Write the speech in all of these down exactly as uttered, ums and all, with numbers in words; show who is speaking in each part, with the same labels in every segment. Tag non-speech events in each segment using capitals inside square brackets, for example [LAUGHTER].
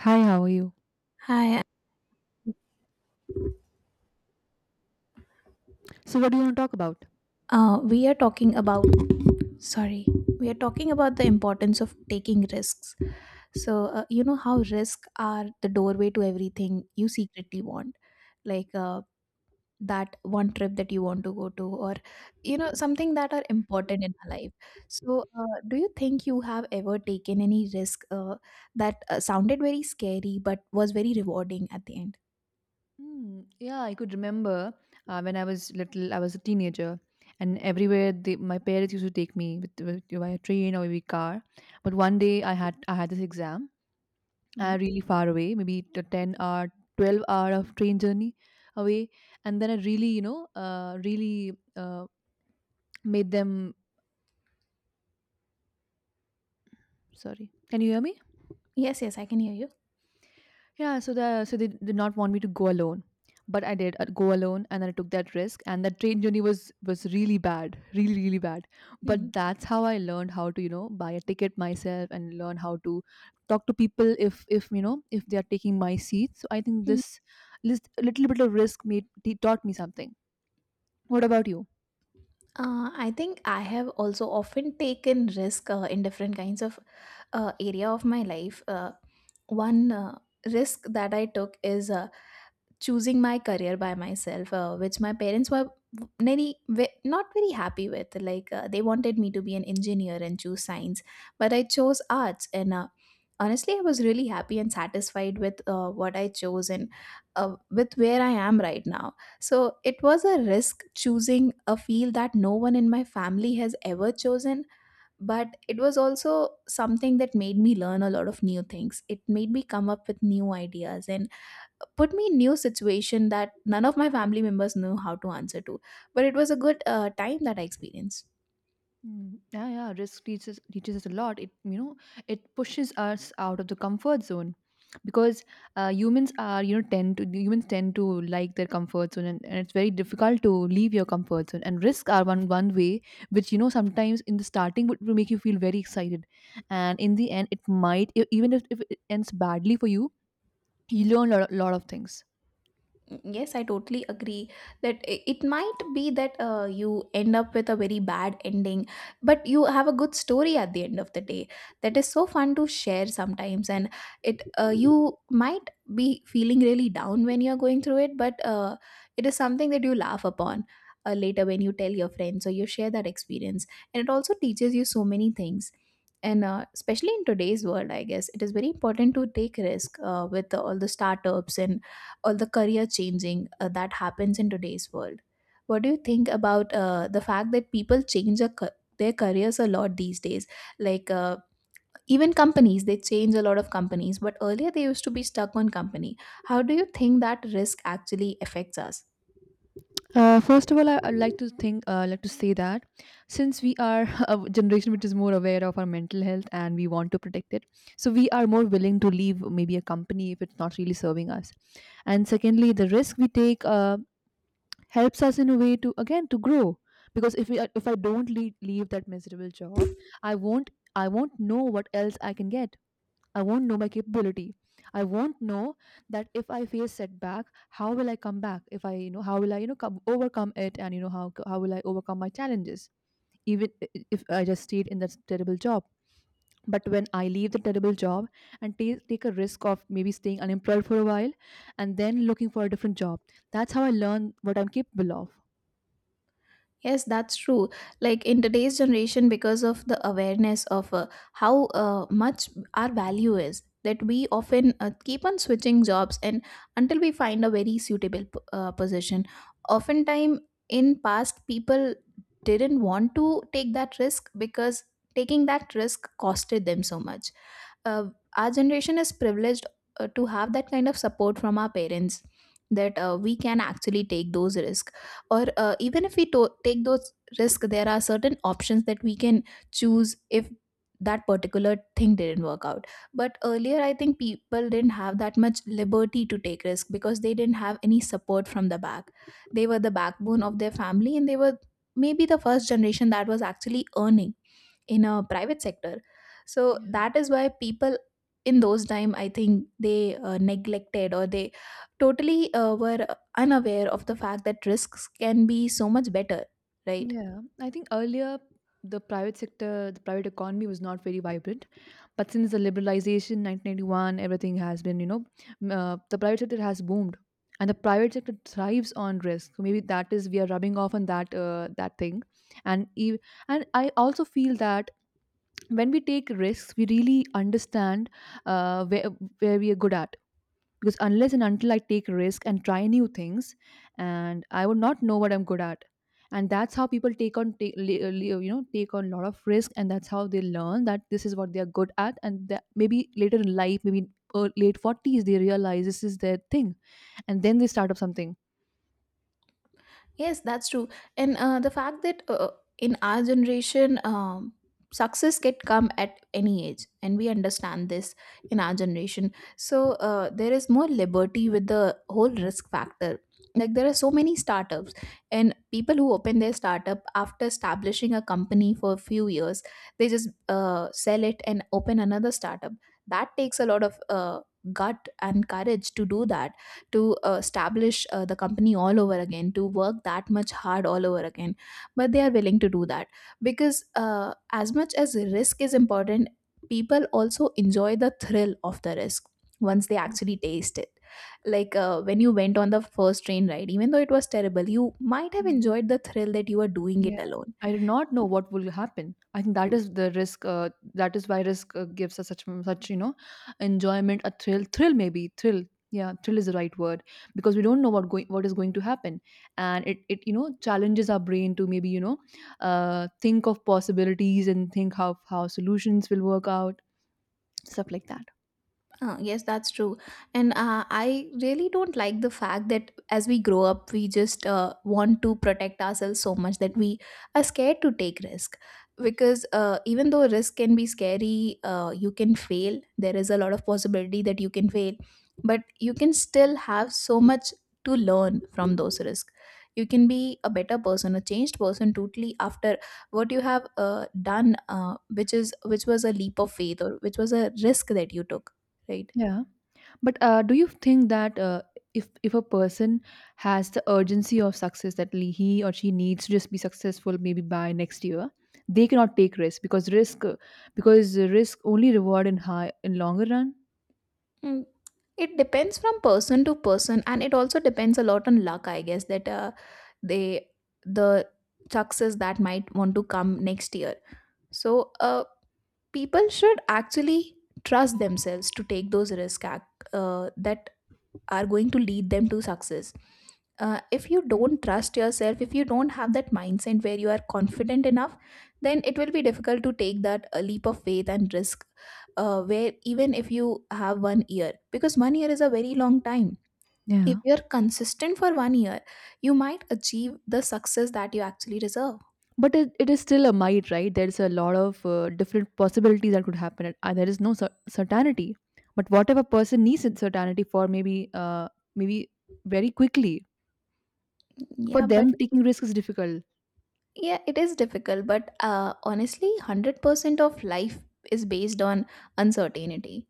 Speaker 1: Hi, how are you?
Speaker 2: Hi,
Speaker 1: So, what do you want to talk about?
Speaker 2: uh, we are talking about, sorry, we are talking about the importance of taking risks. So, uh, you know how risks are the doorway to everything you secretly want. Like, uh, that one trip that you want to go to, or you know something that are important in our life. So uh, do you think you have ever taken any risk uh, that uh, sounded very scary but was very rewarding at the end?
Speaker 1: Hmm. Yeah, I could remember uh, when I was little, I was a teenager, and everywhere they, my parents used to take me with, with by a train or maybe car. But one day I had I had this exam,
Speaker 2: Hmm.
Speaker 1: uh, really far away, maybe t- ten hour, twelve hour of train journey away, and then I really, you know, uh, really uh, made them. Sorry, can you hear me?
Speaker 2: Yes, yes, I can hear you.
Speaker 1: Yeah, so the so they did not want me to go alone, but I did uh, go alone, and then I took that risk, and that train journey was was really bad, really really bad. But
Speaker 2: Mhm.
Speaker 1: that's how I learned how to, you know, buy a ticket myself and learn how to talk to people if if you know if they are taking my seat. So I think this list, little bit of risk made t- taught me something. What about you?
Speaker 2: Uh, I think I have also often taken risk uh, in different kinds of uh, area of my life. Uh, one uh, risk that I took is uh, choosing my career by myself, uh, which my parents were very ve- not very happy with. Like uh, they wanted me to be an engineer and choose science, but I chose arts, and uh, honestly I was really happy and satisfied with uh, what I chose, and uh, with where I am right now. So it was a risk choosing a field that no one in my family has ever chosen, but it was also something that made me learn a lot of new things. It made me come up with new ideas and put me in new situation that none of my family members knew how to answer to, but it was a good uh, time that I experienced.
Speaker 1: Mm. Yeah, yeah, risk teaches teaches us a lot. It, you know, it pushes us out of the comfort zone because uh, humans are, you know, tend to humans tend to like their comfort zone, and, and it's very difficult to leave your comfort zone, and risk are one one way which, you know, sometimes in the starting would would make you feel very excited, and in the end it might e- even if, if it ends badly for you, you learn a lot, lot of things.
Speaker 2: Yes, I totally agree that i- it might be that uh, you end up with a very bad ending, but you have a good story at the end of the day. That is so fun to share sometimes, and it, uh, you might be feeling really down when you're going through it, but uh, it is something that you laugh upon uh, later when you tell your friends or you share that experience, and it also teaches you so many things. And uh, especially in today's world, I guess it is very important to take risk uh, with all the startups and all the career changing uh, that happens in today's world. What do you think about uh, the fact that people change a, ca- their careers a lot these days? Like uh, even companies, they change a lot of companies, but earlier they used to be stuck on company. How do you think that risk actually affects us?
Speaker 1: Uh, first of all, I, I'd like to think, uh, like to say that since we are [LAUGHS] a generation which is more aware of our mental health and we want to protect it, so we are more willing to leave maybe a company if it's not really serving us. And secondly, the risk we take uh, helps us in a way to again to grow because if we, if I don't leave, leave that miserable job, I won't I won't know what else I can get. I won't know my capability. I won't know that if I face setback, how will I come back? If I, you know, how will I, you know, come, overcome it, and you know, how how will I overcome my challenges? Even i- i- if I just stayed in that terrible job. But when I leave the terrible job and take take a risk of maybe staying unemployed for a while, and then looking for a different job, that's how I learn what I'm capable of.
Speaker 2: Yes, that's true. Like in today's generation, because of the awareness of uh, how uh, much our value is, that we often uh, keep on switching jobs and until we find a very suitable p- uh, position. Oftentimes, in past, people didn't want to take that risk because taking that risk costed them so much. Uh, our generation is privileged uh, to have that kind of support from our parents, that uh, we can actually take those risks, or uh, even if we to- take those risks, there are certain options that we can choose if that particular thing didn't work out. But earlier I think people didn't have that much liberty to take risk because they didn't have any support from the back. They were the backbone of their family, and they were maybe the first generation that was actually earning in a private sector. So
Speaker 1: Yeah.
Speaker 2: that is why people in those time, I think they uh, neglected, or they totally uh, were unaware of the fact that risks can be so much better, right?
Speaker 1: Yeah, I think earlier the private sector, the private economy was not very vibrant. But since the liberalization nineteen ninety-one, everything has been, you know, m- uh, the private sector has boomed, and the private sector thrives on risk. So maybe that is we are rubbing off on that uh, that thing, and ev- and I also feel that when we take risks, we really understand uh, where where we are good at, because unless and until I take risk and try new things, and I would not know what I'm good at. And that's how people take on take, uh, uh, you know, take on a lot of risk, and that's how they learn that this is what they are good at, and that maybe later in life, maybe uh, late forties, they realize this is their thing, and then they start up something.
Speaker 2: Yes, that's true. And uh, the fact that uh, in our generation, um, success can come at any age, and we understand this in our generation. So uh, there is more liberty with the whole risk factor. Like there are so many startups, and people who open their startup after establishing a company for a few years, they just uh, sell it and open another startup. That takes a lot of uh, gut and courage to do that, to uh, establish uh, the company all over again, to work that much hard all over again, but they are willing to do that because uh, as much as risk is important, people also enjoy the thrill of the risk once they actually taste it. Like uh, when you went on the first train ride, even though it was terrible, you might have enjoyed the thrill that you were doing
Speaker 1: Yeah.
Speaker 2: it alone.
Speaker 1: I do not know what will happen. I think that is the risk. Uh, that is why risk uh, gives us such such, you know, enjoyment, a thrill, thrill maybe thrill. Yeah, thrill is the right word because we don't know what going what is going to happen, and it it you know, challenges our brain to maybe, you know, uh, think of possibilities and think how how solutions will work out, stuff like that.
Speaker 2: Uh, yes, that's true. And uh, I really don't like the fact that as we grow up, we just uh, want to protect ourselves so much that we are scared to take risk. Because uh, even though risk can be scary, uh, you can fail. There is a lot of possibility that you can fail, but you can still have so much to learn from those risks. You can be a better person, a changed person totally after what you have uh, done, uh, which is which was a leap of faith, or which was a risk that you took, right?
Speaker 1: Yeah. But uh, do you think that uh, if if a person has the urgency of success, that le- he or she needs to just be successful maybe by next year, they cannot take risk because risk uh, because risk only reward in high in longer run.
Speaker 2: Mm. It depends from person to person, and it also depends a lot on luck, I guess, that uh, they the success that might want to come next year. So, uh, people should actually trust themselves to take those risks. ac- Uh, that are going to lead them to success. Uh, if you don't trust yourself, if you don't have that mindset where you are confident enough, then it will be difficult to take that uh, leap of faith and risk, uh, where even if you have one year, because one year is a very long time. If
Speaker 1: Yeah.
Speaker 2: you're consistent for one year, you might achieve the success that you actually deserve.
Speaker 1: But it, it is still a might, right? There is a lot of uh, different possibilities that could happen. And, uh, there is no cer- certainty. But whatever person needs it certainty for maybe uh, maybe very quickly, for
Speaker 2: Yeah, but,
Speaker 1: them taking risk is difficult.
Speaker 2: yeah, it is difficult, but uh, honestly, one hundred percent of life is based on uncertainty.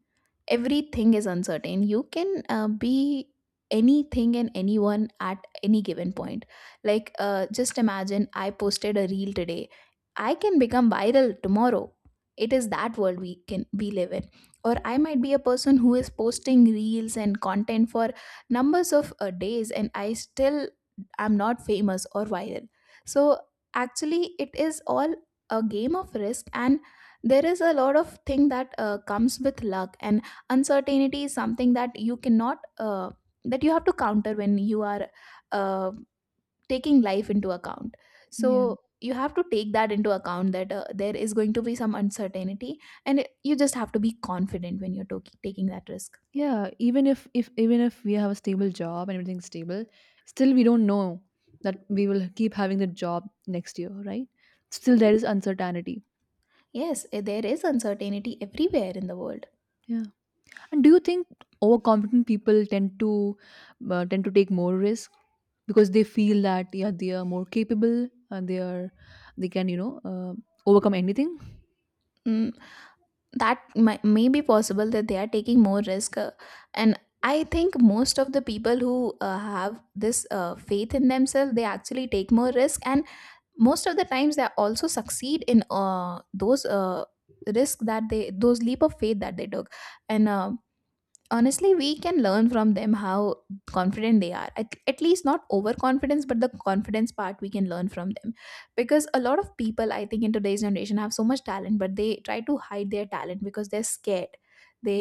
Speaker 2: Everything is uncertain. You can uh, be anything and anyone at any given point. Like, uh, just imagine I posted a reel today. I can become viral tomorrow. It is that world we can we live in. Or I might be a person who is posting reels and content for numbers of uh, days, and I still am not famous or viral. So actually it is all a game of risk, and there is a lot of thing that uh, comes with luck, and uncertainty is something that you cannot uh, that you have to counter when you are uh, taking life into account.
Speaker 1: Yeah.
Speaker 2: So you have to take that into account, that uh, there is going to be some uncertainty, and it- you just have to be confident when you're to- taking that risk.
Speaker 1: Yeah, even if if even if we have a stable job and everything's stable, still we don't know that we will keep having the job next year, right? Still there is uncertainty.
Speaker 2: Yes, eh, there is uncertainty everywhere in the world.
Speaker 1: Yeah. And do you think overconfident people tend to uh, tend to take more risk because they feel that, yeah, they are more capable, and they are, they can, you know, uh, overcome anything?
Speaker 2: Mm. That might, may be possible that they are taking more risk, uh, and I think most of the people who uh, have this uh, faith in themselves, they actually take more risk, and most of the times they also succeed in uh, those uh, risk that they those leap of faith that they took. And uh, honestly, we can learn from them how confident they are at, at least, not overconfidence, but the confidence part we can learn from them. Because a lot of people, I think, in today's generation have so much talent, but they try to hide their talent because they're scared.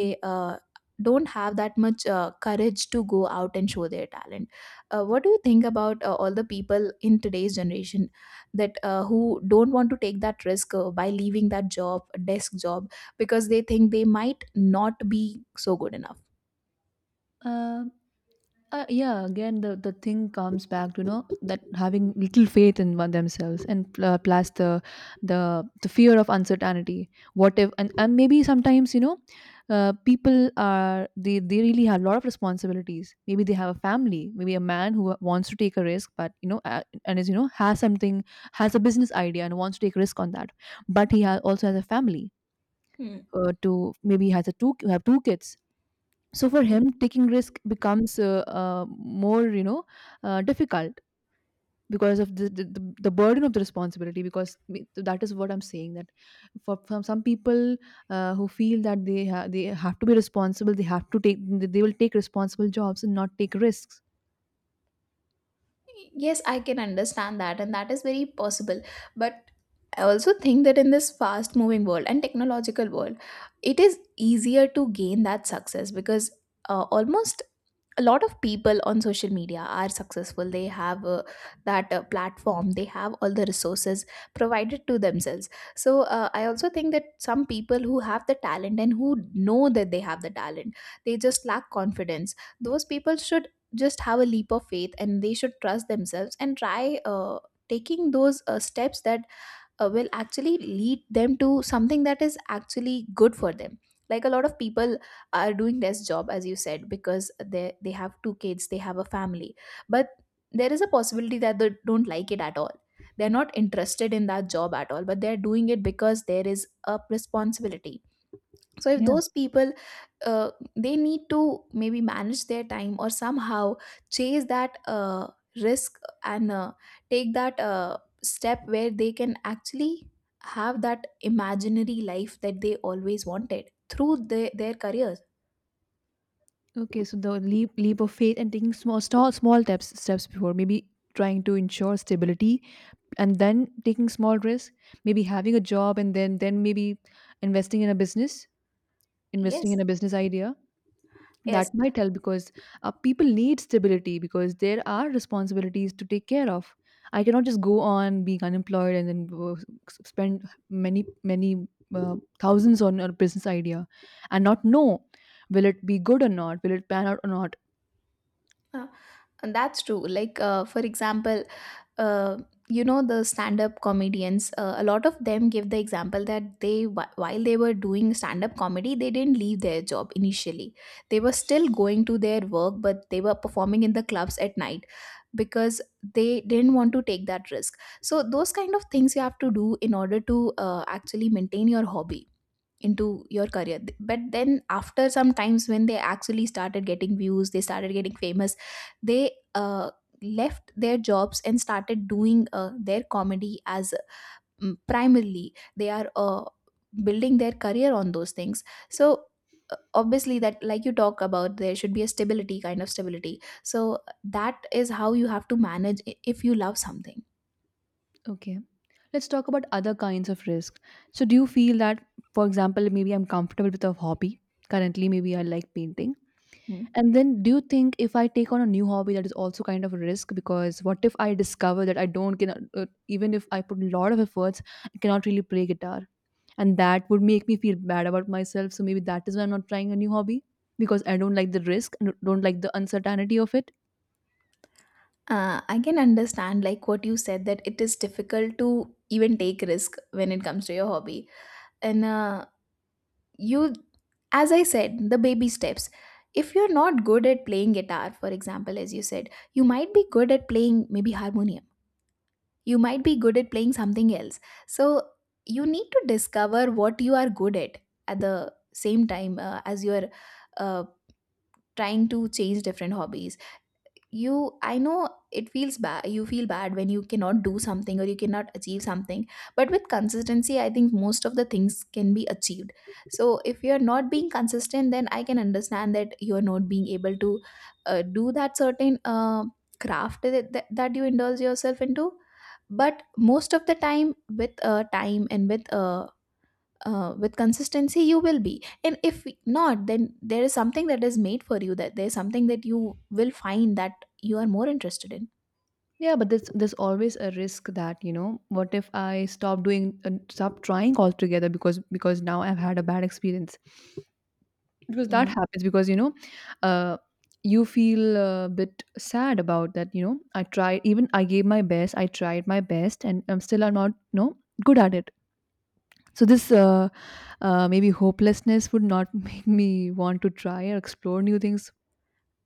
Speaker 1: Mm.
Speaker 2: uh, don't have that much uh, courage to go out and show their talent. Uh, what do you think about uh, all the people in today's generation that uh, who don't want to take that risk uh, by leaving that job desk job, because they think they might not be so good enough?
Speaker 1: Uh, uh, yeah, again the, the thing comes back, you know, that having little faith in one themselves, and pl- uh, plus the the the fear of uncertainty, what if, and, and maybe sometimes, you know, uh, people are, they they really have a lot of responsibilities, maybe they have a family, maybe a man who wants to take a risk, but you know, uh, and is, you know, has something, has a business idea and wants to take risk on that, but he ha- also has a family,
Speaker 2: Hmm.
Speaker 1: uh, to maybe has a two have two kids. So for him taking risk becomes uh, uh, more, you know, uh, difficult because of the, the the the burden of the responsibility, because me- that is what I'm saying, that for, for some people uh, who feel that they ha- they have to be responsible, they have to take, they will take responsible jobs and not take risks.
Speaker 2: Yes, I can understand that, and that is very possible. But I also think that in this fast moving world and technological world, it is easier to gain that success because uh, almost a lot of people on social media are successful. They have uh, that uh, platform, they have all the resources provided to themselves. So uh, I also think that some people who have the talent and who know that they have the talent, they just lack confidence. Those people should just have a leap of faith, and they should trust themselves and try uh, taking those uh, steps that uh, will actually lead them to something that is actually good for them. Like, a lot of people are doing this job, as you said, because they they have two kids, they have a family, but there is a possibility that they don't like it at all. They're not interested in that job at all, but they're doing it because there is a responsibility. So if
Speaker 1: Yeah.
Speaker 2: those people, uh, they need to maybe manage their time or somehow chase that uh, risk and uh, take that uh, step where they can actually have that imaginary life that they always wanted through their, their careers.
Speaker 1: Okay, so the leap leap of faith, and taking small small small steps steps before maybe trying to ensure stability, and then taking small risk, maybe having a job and then then maybe investing in a business, investing
Speaker 2: Yes.
Speaker 1: in a business idea,
Speaker 2: Yes.
Speaker 1: that might help because uh, people need stability because there are responsibilities to take care of. I cannot just go on being unemployed and then uh, s- spend many many uh, thousands on a business idea and not know, will it be good or not, will it pan out or not.
Speaker 2: uh, and that's true. Like, uh, for example, uh, you know, the stand-up comedians, uh, a lot of them give the example that they wh- while they were doing stand-up comedy, they didn't leave their job initially. They were still going to their work, but they were performing in the clubs at night because they didn't want to take that risk. So those kind of things you have to do in order to uh, actually maintain your hobby into your career. But then after some times, when they actually started getting views, they started getting famous, they uh, left their jobs and started doing uh, their comedy as, mm, primarily, they are uh, building their career on those things. So uh, obviously, that, like you talk about, there should be a stability, kind of stability. So that is how you have to manage i- if you love something.
Speaker 1: Okay, let's talk about other kinds of risk. So do you feel that, for example, maybe I'm comfortable with a hobby currently, maybe I like painting.
Speaker 2: Hmm.
Speaker 1: And then, do you think if I take on a new hobby, that is also kind of a risk? Because what if I discover that I don't, cannot, uh, even if I put a lot of efforts, I cannot really play guitar? And that would make me feel bad about myself. So maybe that is why I'm not trying a new hobby, because I don't like the risk and don't like the uncertainty of it.
Speaker 2: Uh, I can understand, like, what you said, that it is difficult to even take risk when it comes to your hobby. And uh, you, as I said, the baby steps. If you're not good at playing guitar, for example, as you said, you might be good at playing maybe harmonium. You might be good at playing something else. So you need to discover what you are good at at the same time uh, as you're uh, trying to change different hobbies. You, I know it feels bad, you feel bad when you cannot do something or you cannot achieve something, but with consistency, I think most of the things can be achieved. So if you're not being consistent, then I can understand that you're not being able to uh, do that certain uh, craft that, that, that you indulge yourself into. But most of the time, with uh, time and with uh, uh, with consistency, you will be. And if not, then there is something that is made for you, that there is something that you will find that you are more interested in.
Speaker 1: Yeah, but there's there's always a risk that, you know, what if I stop doing, uh, stop trying altogether, because because now I've had a bad experience. Because that
Speaker 2: Mm,
Speaker 1: happens, because you know uh, you feel a bit sad about that, you know, I tried, even I gave my best, I tried my best, and i'm still I'm not, you know, good at it. So this uh, uh, maybe hopelessness would not [LAUGHS] make me want to try or explore new things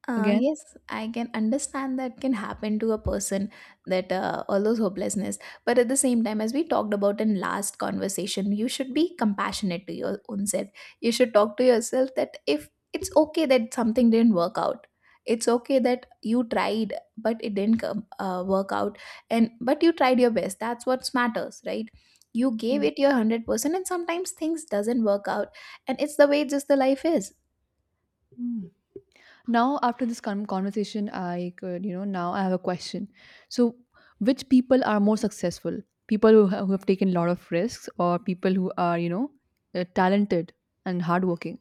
Speaker 2: Uh,
Speaker 1: again.
Speaker 2: yes, I can understand that can happen to a person, that uh, all those hopelessness. But at the same time, as we talked about in last conversation, you should be compassionate to your own self. You should talk to yourself that if it's okay that something didn't work out, it's okay that you tried but it didn't come, uh, work out, and but you tried your best. That's what matters, right? You gave
Speaker 1: Yeah.
Speaker 2: it your hundred percent, and sometimes things doesn't work out, and it's the way just the life is.
Speaker 1: Mm. Now after this con- conversation, I could, you know, now I have a question. So which people are more successful, people who, ha- who have taken a lot of risks, or people who are, you know, uh, talented and hardworking?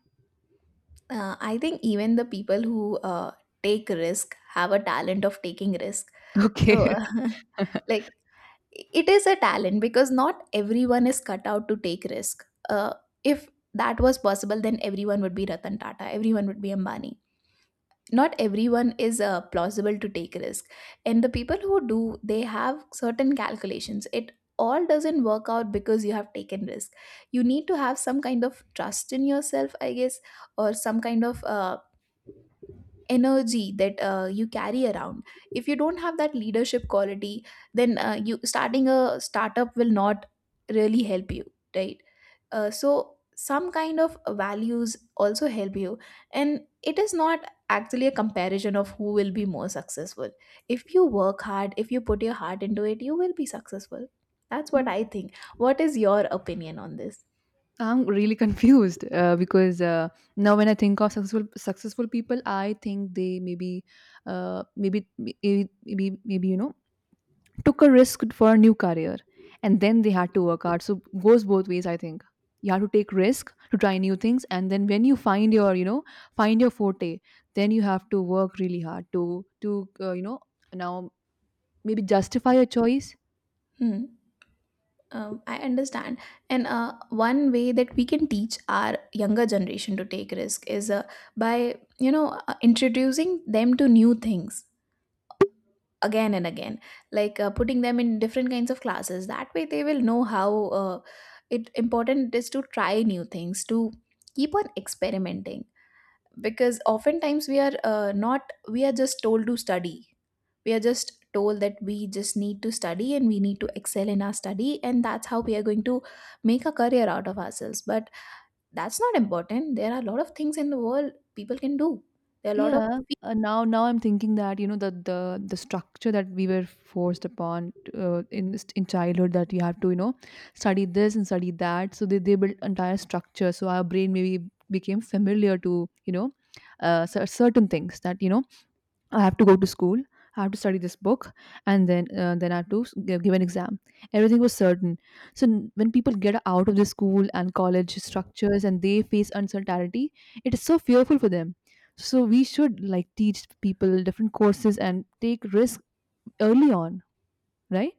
Speaker 2: uh, I think even the people who uh, take risk have a talent of taking risk. So
Speaker 1: Okay.
Speaker 2: [LAUGHS] like, it is a talent because not everyone is cut out to take risk. Uh, if that was possible, then everyone would be Ratan Tata, everyone would be Ambani. Not everyone is uh, plausible to take risk. And the people who do, they have certain calculations. It all doesn't work out because you have taken risk. You need to have some kind of trust in yourself, I guess, or some kind of uh, energy that uh, you carry around. If you don't have that leadership quality, then uh, you starting a startup will not really help you, right? Uh, so some kind of values also help you. And it is not actually a comparison of who will be more successful. If you work hard, if you put your heart into it, you will be successful. That's what I think. What is your opinion on this?
Speaker 1: [LAUGHS] I'm really confused uh, because uh, now when I think of successful successful people, I think they maybe, uh, maybe maybe maybe maybe you know, took a risk for a new career, and then they had to work hard. So goes both ways. I think you have to take risk to try new things, and then when you find your, you know, find your forte, then you have to work really hard to to uh, you know, now maybe justify your choice.
Speaker 2: Hmm. Um, I understand. And uh, one way that we can teach our younger generation to take risk is uh, by, you know, uh, introducing them to new things again and again, like uh, putting them in different kinds of classes. That way they will know how uh, it important it is to try new things, to keep on experimenting. Because oftentimes we are uh, not we are just told to study, we are just told that we just need to study and we need to excel in our study and that's how we are going to make a career out of ourselves. But that's not important. There are a lot of things in the world people can do. There are a lot of...
Speaker 1: Yeah, uh, now now I'm thinking that, you know, the the the structure that we were forced upon uh, in this- in childhood, that you have to, you know, study this and study that. So they they built entire structure. So our brain maybe became familiar to, you know, uh, cer- certain things that, you know, I have to go to school. I have to study this book, and then uh, then I have to s- give, give an exam. Everything was certain. So n- when people get out of the school and college structures, and they face uncertainty, it is so fearful for them. So we should like teach people different courses and take risk early on, right?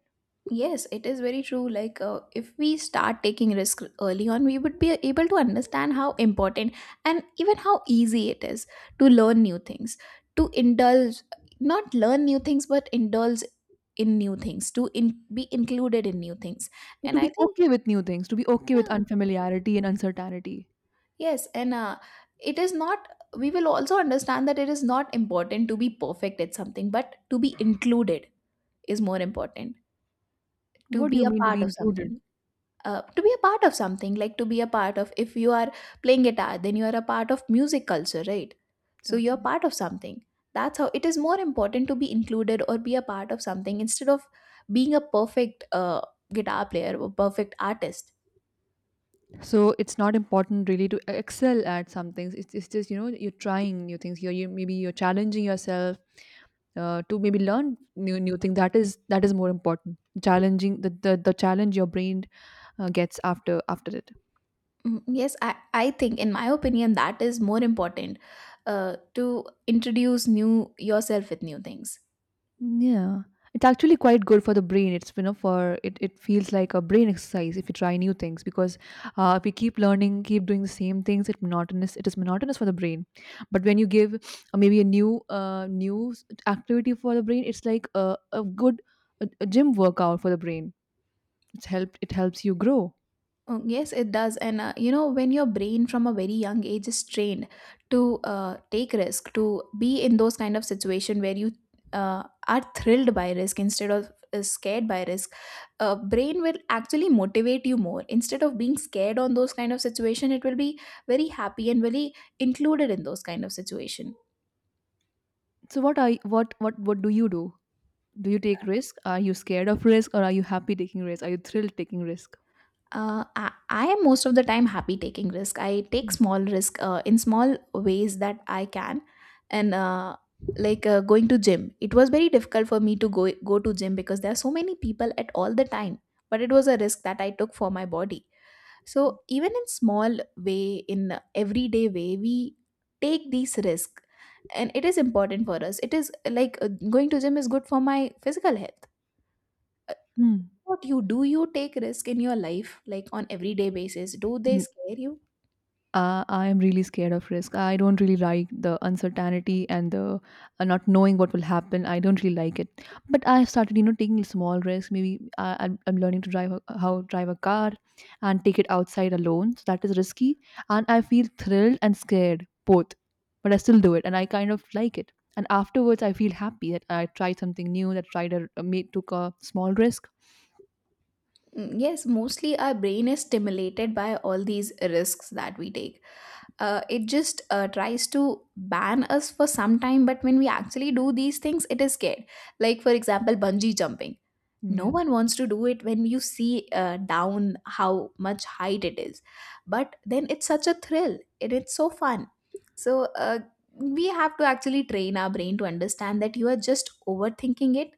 Speaker 2: Yes, it is very true. Like, uh, if we start taking risk early on, we would be able to understand how important and even how easy it is to learn new things, to indulge, not learn new things, but indulge in new things, to in, be included in new things. And
Speaker 1: To
Speaker 2: I
Speaker 1: be
Speaker 2: think,
Speaker 1: okay with new things, to be okay with
Speaker 2: yeah,
Speaker 1: unfamiliarity and uncertainty.
Speaker 2: yes, and uh, it is not. We will also understand that it is not important to be perfect at something, but to be included is more important. To
Speaker 1: What do
Speaker 2: be
Speaker 1: you
Speaker 2: a
Speaker 1: mean to
Speaker 2: part
Speaker 1: be
Speaker 2: of something.
Speaker 1: included?
Speaker 2: Uh, to be a part of something, like to be a part of, if you are playing guitar, then you are a part of music culture, right? So
Speaker 1: Okay.
Speaker 2: you're part of something. That's how it is more important to be included or be a part of something instead of being a perfect uh, guitar player or perfect artist.
Speaker 1: so it's not important really to excel at some things, it's, it's just you know you're trying new things you're you, maybe you're challenging yourself uh, to maybe learn new new things. That is that is more important. Challenging the the, the challenge your brain uh, gets after after it.
Speaker 2: Mm, yes, I, I think in my opinion that is more important, uh, to introduce new yourself with new things.
Speaker 1: Yeah, it's actually quite good for the brain. It's you know for it it feels like a brain exercise if you try new things. Because uh, if you keep learning, keep doing the same things, it monotonous. It is monotonous for the brain, but when you give uh, maybe a new uh, new s- activity for the brain, it's like a, a good a, a gym workout for the brain. It's helped. It helps you grow.
Speaker 2: Oh, yes, it does. And uh, you know, when your brain from a very young age is trained to uh, take risk, to be in those kind of situation where you uh, are thrilled by risk instead of uh, scared by risk, uh, brain will actually motivate you more. Instead of being scared on those kind of situation, it will be very happy and very included in those kind of situation.
Speaker 1: So what are y- what what what do you do? Do you take risk? Are you scared of risk, or are you happy taking risk? Are you thrilled taking risk?
Speaker 2: Uh, I, I am most of the time happy taking risk. I take small risk uh, in small ways that I can, and uh, like uh, going to gym. It was very difficult for me to go go to gym because there are so many people at all the time. But it was a risk that I took for my body. So even in small way, in everyday way, we take these risk, and it is important for us. It is like, uh, going to gym is good for my physical health.
Speaker 1: Hmm.
Speaker 2: What you do, you take risk in your life like on everyday basis? Do they scare you?
Speaker 1: Uh, I am really scared of risk. I don't really like the uncertainty and the uh, not knowing what will happen. I don't really like it. But I've started, you know, taking small risks. Maybe I, I'm, I'm learning to drive a, how drive a car and take it outside alone. So that is risky, and I feel thrilled and scared both. But I still do it, and I kind of like it. And afterwards, I feel happy that I tried something new. That tried a, a made took a small risk.
Speaker 2: Mm, Yes, mostly our brain is stimulated by all these risks that we take. Uh, it just uh, tries to ban us for some time, but when we actually do these things, it is scared. Like, for example, bungee jumping. No one wants to do it when you see uh, down how much height it is. But then it's such a thrill and it's so fun. So uh, we have to actually train our brain to understand that you are just overthinking it.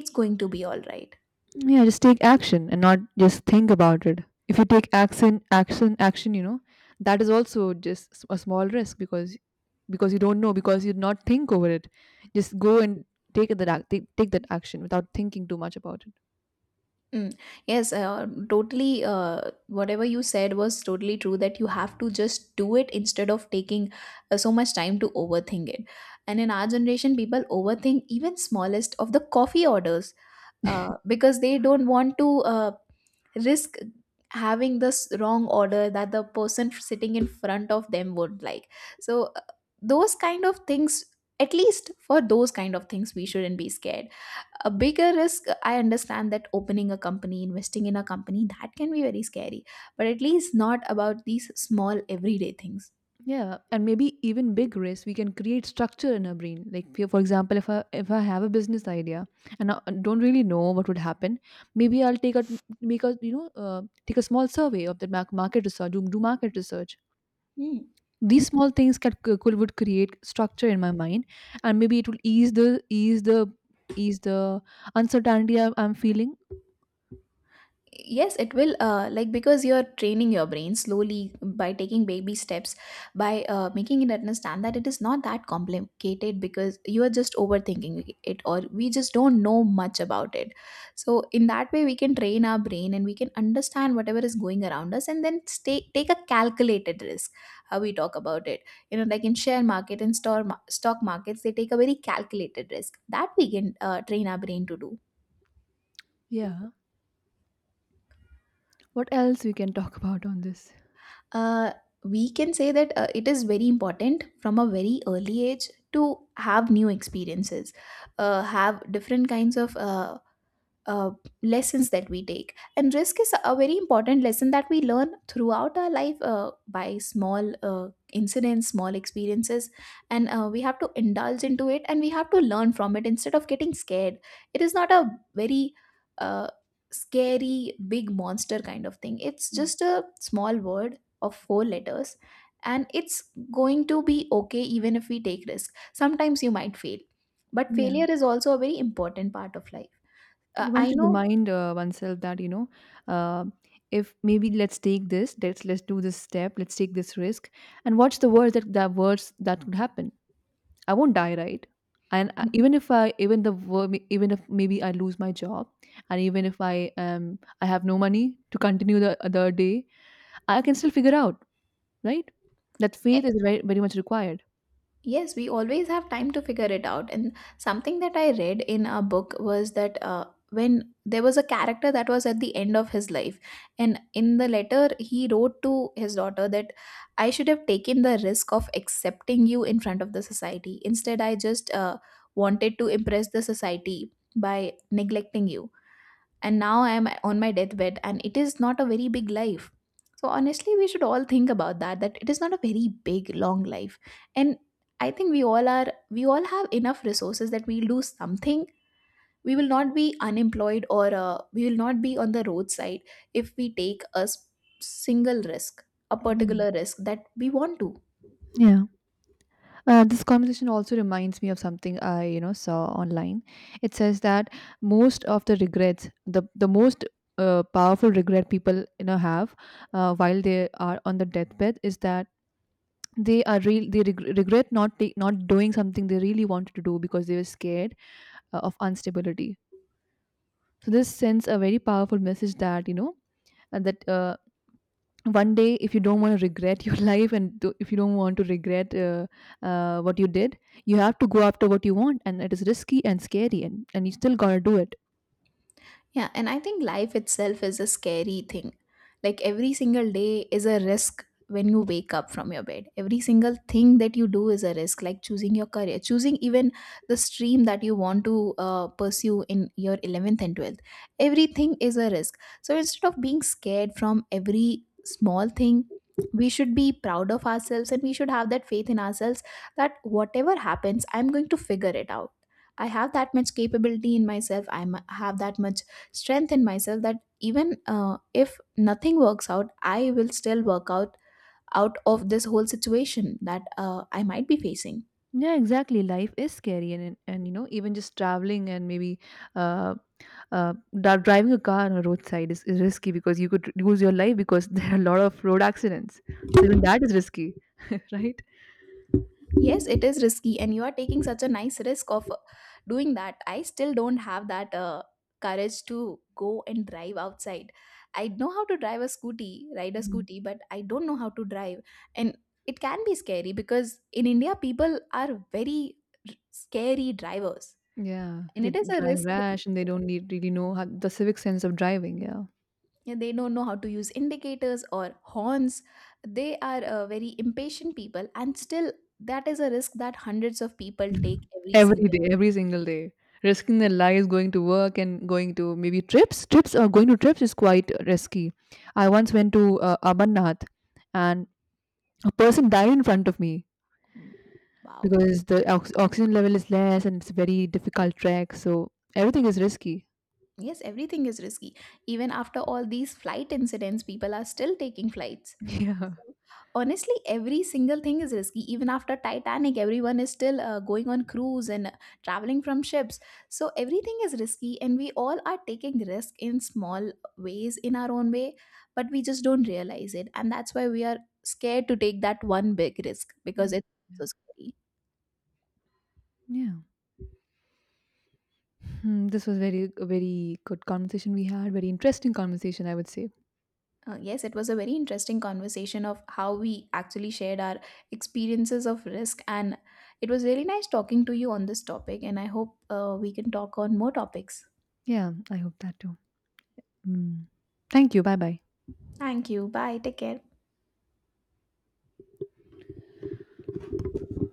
Speaker 2: It's going to be all right.
Speaker 1: Yeah, just take action and not just think about it. If you take action, action, action, you know, that is also just s- a small risk, because because you don't know, because you not think over it. Just go and take that ac- take, take that action without thinking too much about it.
Speaker 2: Mm. Yes, uh, totally. Uh, whatever you said was totally true, that you have to just do it instead of taking uh, so much time to overthink it. And in our generation, people overthink even smallest of the coffee orders, uh, because they don't want to uh, risk having this wrong order that the person sitting in front of them would like. So, uh, those kind of things, at least for those kind of things, we shouldn't be scared. A bigger risk, I understand, that opening a company, investing in a company, that can be very scary. But at least not about these small everyday things.
Speaker 1: Yeah, and maybe even big risk we can create structure in our brain. Like for for example, if I if I have a business idea and I don't really know what would happen, maybe I'll take a make a you know uh, take a small survey of the mar- market research, do, do market research.
Speaker 2: Hmm.
Speaker 1: These small things can c- could would create structure in my mind, and maybe it will ease the ease the ease the uncertainty I'm, I'm feeling.
Speaker 2: Yes, it will, uh, like, because you're training your brain slowly by taking baby steps, by uh, making it understand that it is not that complicated, because you are just overthinking it or we just don't know much about it. So in that way, we can train our brain and we can understand whatever is going around us and then stay take a calculated risk, how we talk about it. You know, like in share market and store ma- stock markets, they take a very calculated risk that we can uh, train our brain to do.
Speaker 1: Yeah. What else we can talk about on this?
Speaker 2: uh, we can say that uh, it is very important from a very early age to have new experiences, uh, have different kinds of uh, uh, lessons that we take. And risk is a very important lesson that we learn throughout our life, uh, by small uh, incidents, small experiences. And uh, we have to indulge into it and we have to learn from it instead of getting scared. It is not a very uh, scary big monster kind of thing. It's
Speaker 1: Mm.
Speaker 2: just a small word of four letters. And it's going to be okay. Even if we take risk, sometimes you might fail, but
Speaker 1: Yeah,
Speaker 2: failure is also a very important part of life. uh,
Speaker 1: you want
Speaker 2: I
Speaker 1: to
Speaker 2: know.
Speaker 1: remind uh, oneself that you know, uh, if maybe let's take this, let's let's do this step, let's take this risk, and watch the words that that words that could happen. I won't die, right? And uh,
Speaker 2: Mhm.
Speaker 1: even if I, even the wor- even if maybe I lose my job, and even if I um I have no money to continue the other day, I can still figure out, right? That faith
Speaker 2: Eh,
Speaker 1: is very very much required.
Speaker 2: yes, we always have time to figure it out. And something that I read in a book was that uh, when there was a character that was at the end of his life, and in the letter he wrote to his daughter that, I should have taken the risk of accepting you in front of the society, instead I just uh, wanted to impress the society by neglecting you. And now I am on my deathbed and it is not a very big life. So honestly, we should all think about that, that it is not a very big long life. And I think we all are we all have enough resources that we'll do something. We will not be unemployed or uh, we will not be on the roadside if we take a s- single risk, a
Speaker 1: Yeah.
Speaker 2: particular risk that we want to.
Speaker 1: Yeah. Uh, this conversation also reminds me of something I, you know, saw online. It says that most of the regrets, the the most uh, powerful regret people, you know, have uh, while they are on the deathbed is that they are real they reg- regret not ta- not doing something they really wanted to do because they were scared uh, of instability. So this sends a very powerful message that you know, and that uh, one day, if you don't want to regret your [LAUGHS] life and do, if you don't want to regret uh, uh, what you did, you have to go after what you want, and it is risky and scary, and, and you still gotta do it.
Speaker 2: Yeah, and I think life itself is a scary thing. Like every single day is a risk when you wake up from your bed. Every single thing that you do is a risk, like choosing your career, choosing even the stream that you want to uh, pursue in your eleventh and twelfth. Everything is a risk. So instead of being scared from every small thing, we should be proud of ourselves and we should have that faith in ourselves that whatever happens, I'm going to figure it out. I have that much capability in myself. I m- have that much strength in myself, that even uh, if nothing works out, I will still work out out of this whole situation that uh, I might be facing.
Speaker 1: Yeah, exactly. Life is scary, and and, and, you know, even just traveling and maybe uh, uh, dri- driving a car on a roadside is, is risky because you could lose your life because [LAUGHS] there are a lot of road accidents. So even that is risky, [LAUGHS] right?
Speaker 2: Yes, it is risky, and you are taking such a nice risk of uh, doing that. I still don't have that uh, courage to go and drive outside. I know how to drive a scooty, ride a
Speaker 1: Mm.
Speaker 2: scooty, but I don't know how to drive. And it can be scary because in India, people are very r- scary drivers.
Speaker 1: Yeah,
Speaker 2: And
Speaker 1: they
Speaker 2: it is a
Speaker 1: drive
Speaker 2: risk, they...
Speaker 1: rash and they don't need, really know how, the civic sense of driving. Yeah,
Speaker 2: Yeah, they don't know how to use indicators or horns. They are uh, very impatient people, and still, that is a risk that hundreds of people take every
Speaker 1: every
Speaker 2: single...
Speaker 1: day, every single day, risking their lives going to work and going to maybe trips. Trips or going to trips is quite risky. I once went to uh, Amarnath, and a person died in front of me.
Speaker 2: mm, wow.
Speaker 1: Because the ox oxygen level is less and it's a very difficult trek, so everything is risky.
Speaker 2: Yes, everything is risky. Even after all these flight incidents, people are still taking flights.
Speaker 1: [LAUGHS] Yeah.
Speaker 2: So, honestly, every single thing is risky. Even after Titanic, everyone is still uh, going on cruise and uh, traveling from ships. So everything is risky, and we all are taking risk in small ways in our own way, but we just don't realize it, and that's why we are scared to take that one big risk because
Speaker 1: Mm.
Speaker 2: it's so
Speaker 1: Yeah.
Speaker 2: scary.
Speaker 1: Yeah. Hmm, this was very a very good conversation we had, very interesting conversation, I would say.
Speaker 2: Uh, yes, it was a very interesting conversation of how we actually shared our experiences of risk, and it was really nice talking to you on this topic. And I hope uh, we can talk on more topics.
Speaker 1: Yeah, I hope that too. Mm. Thank you. Bye bye.
Speaker 2: Thank you. Bye. Take care.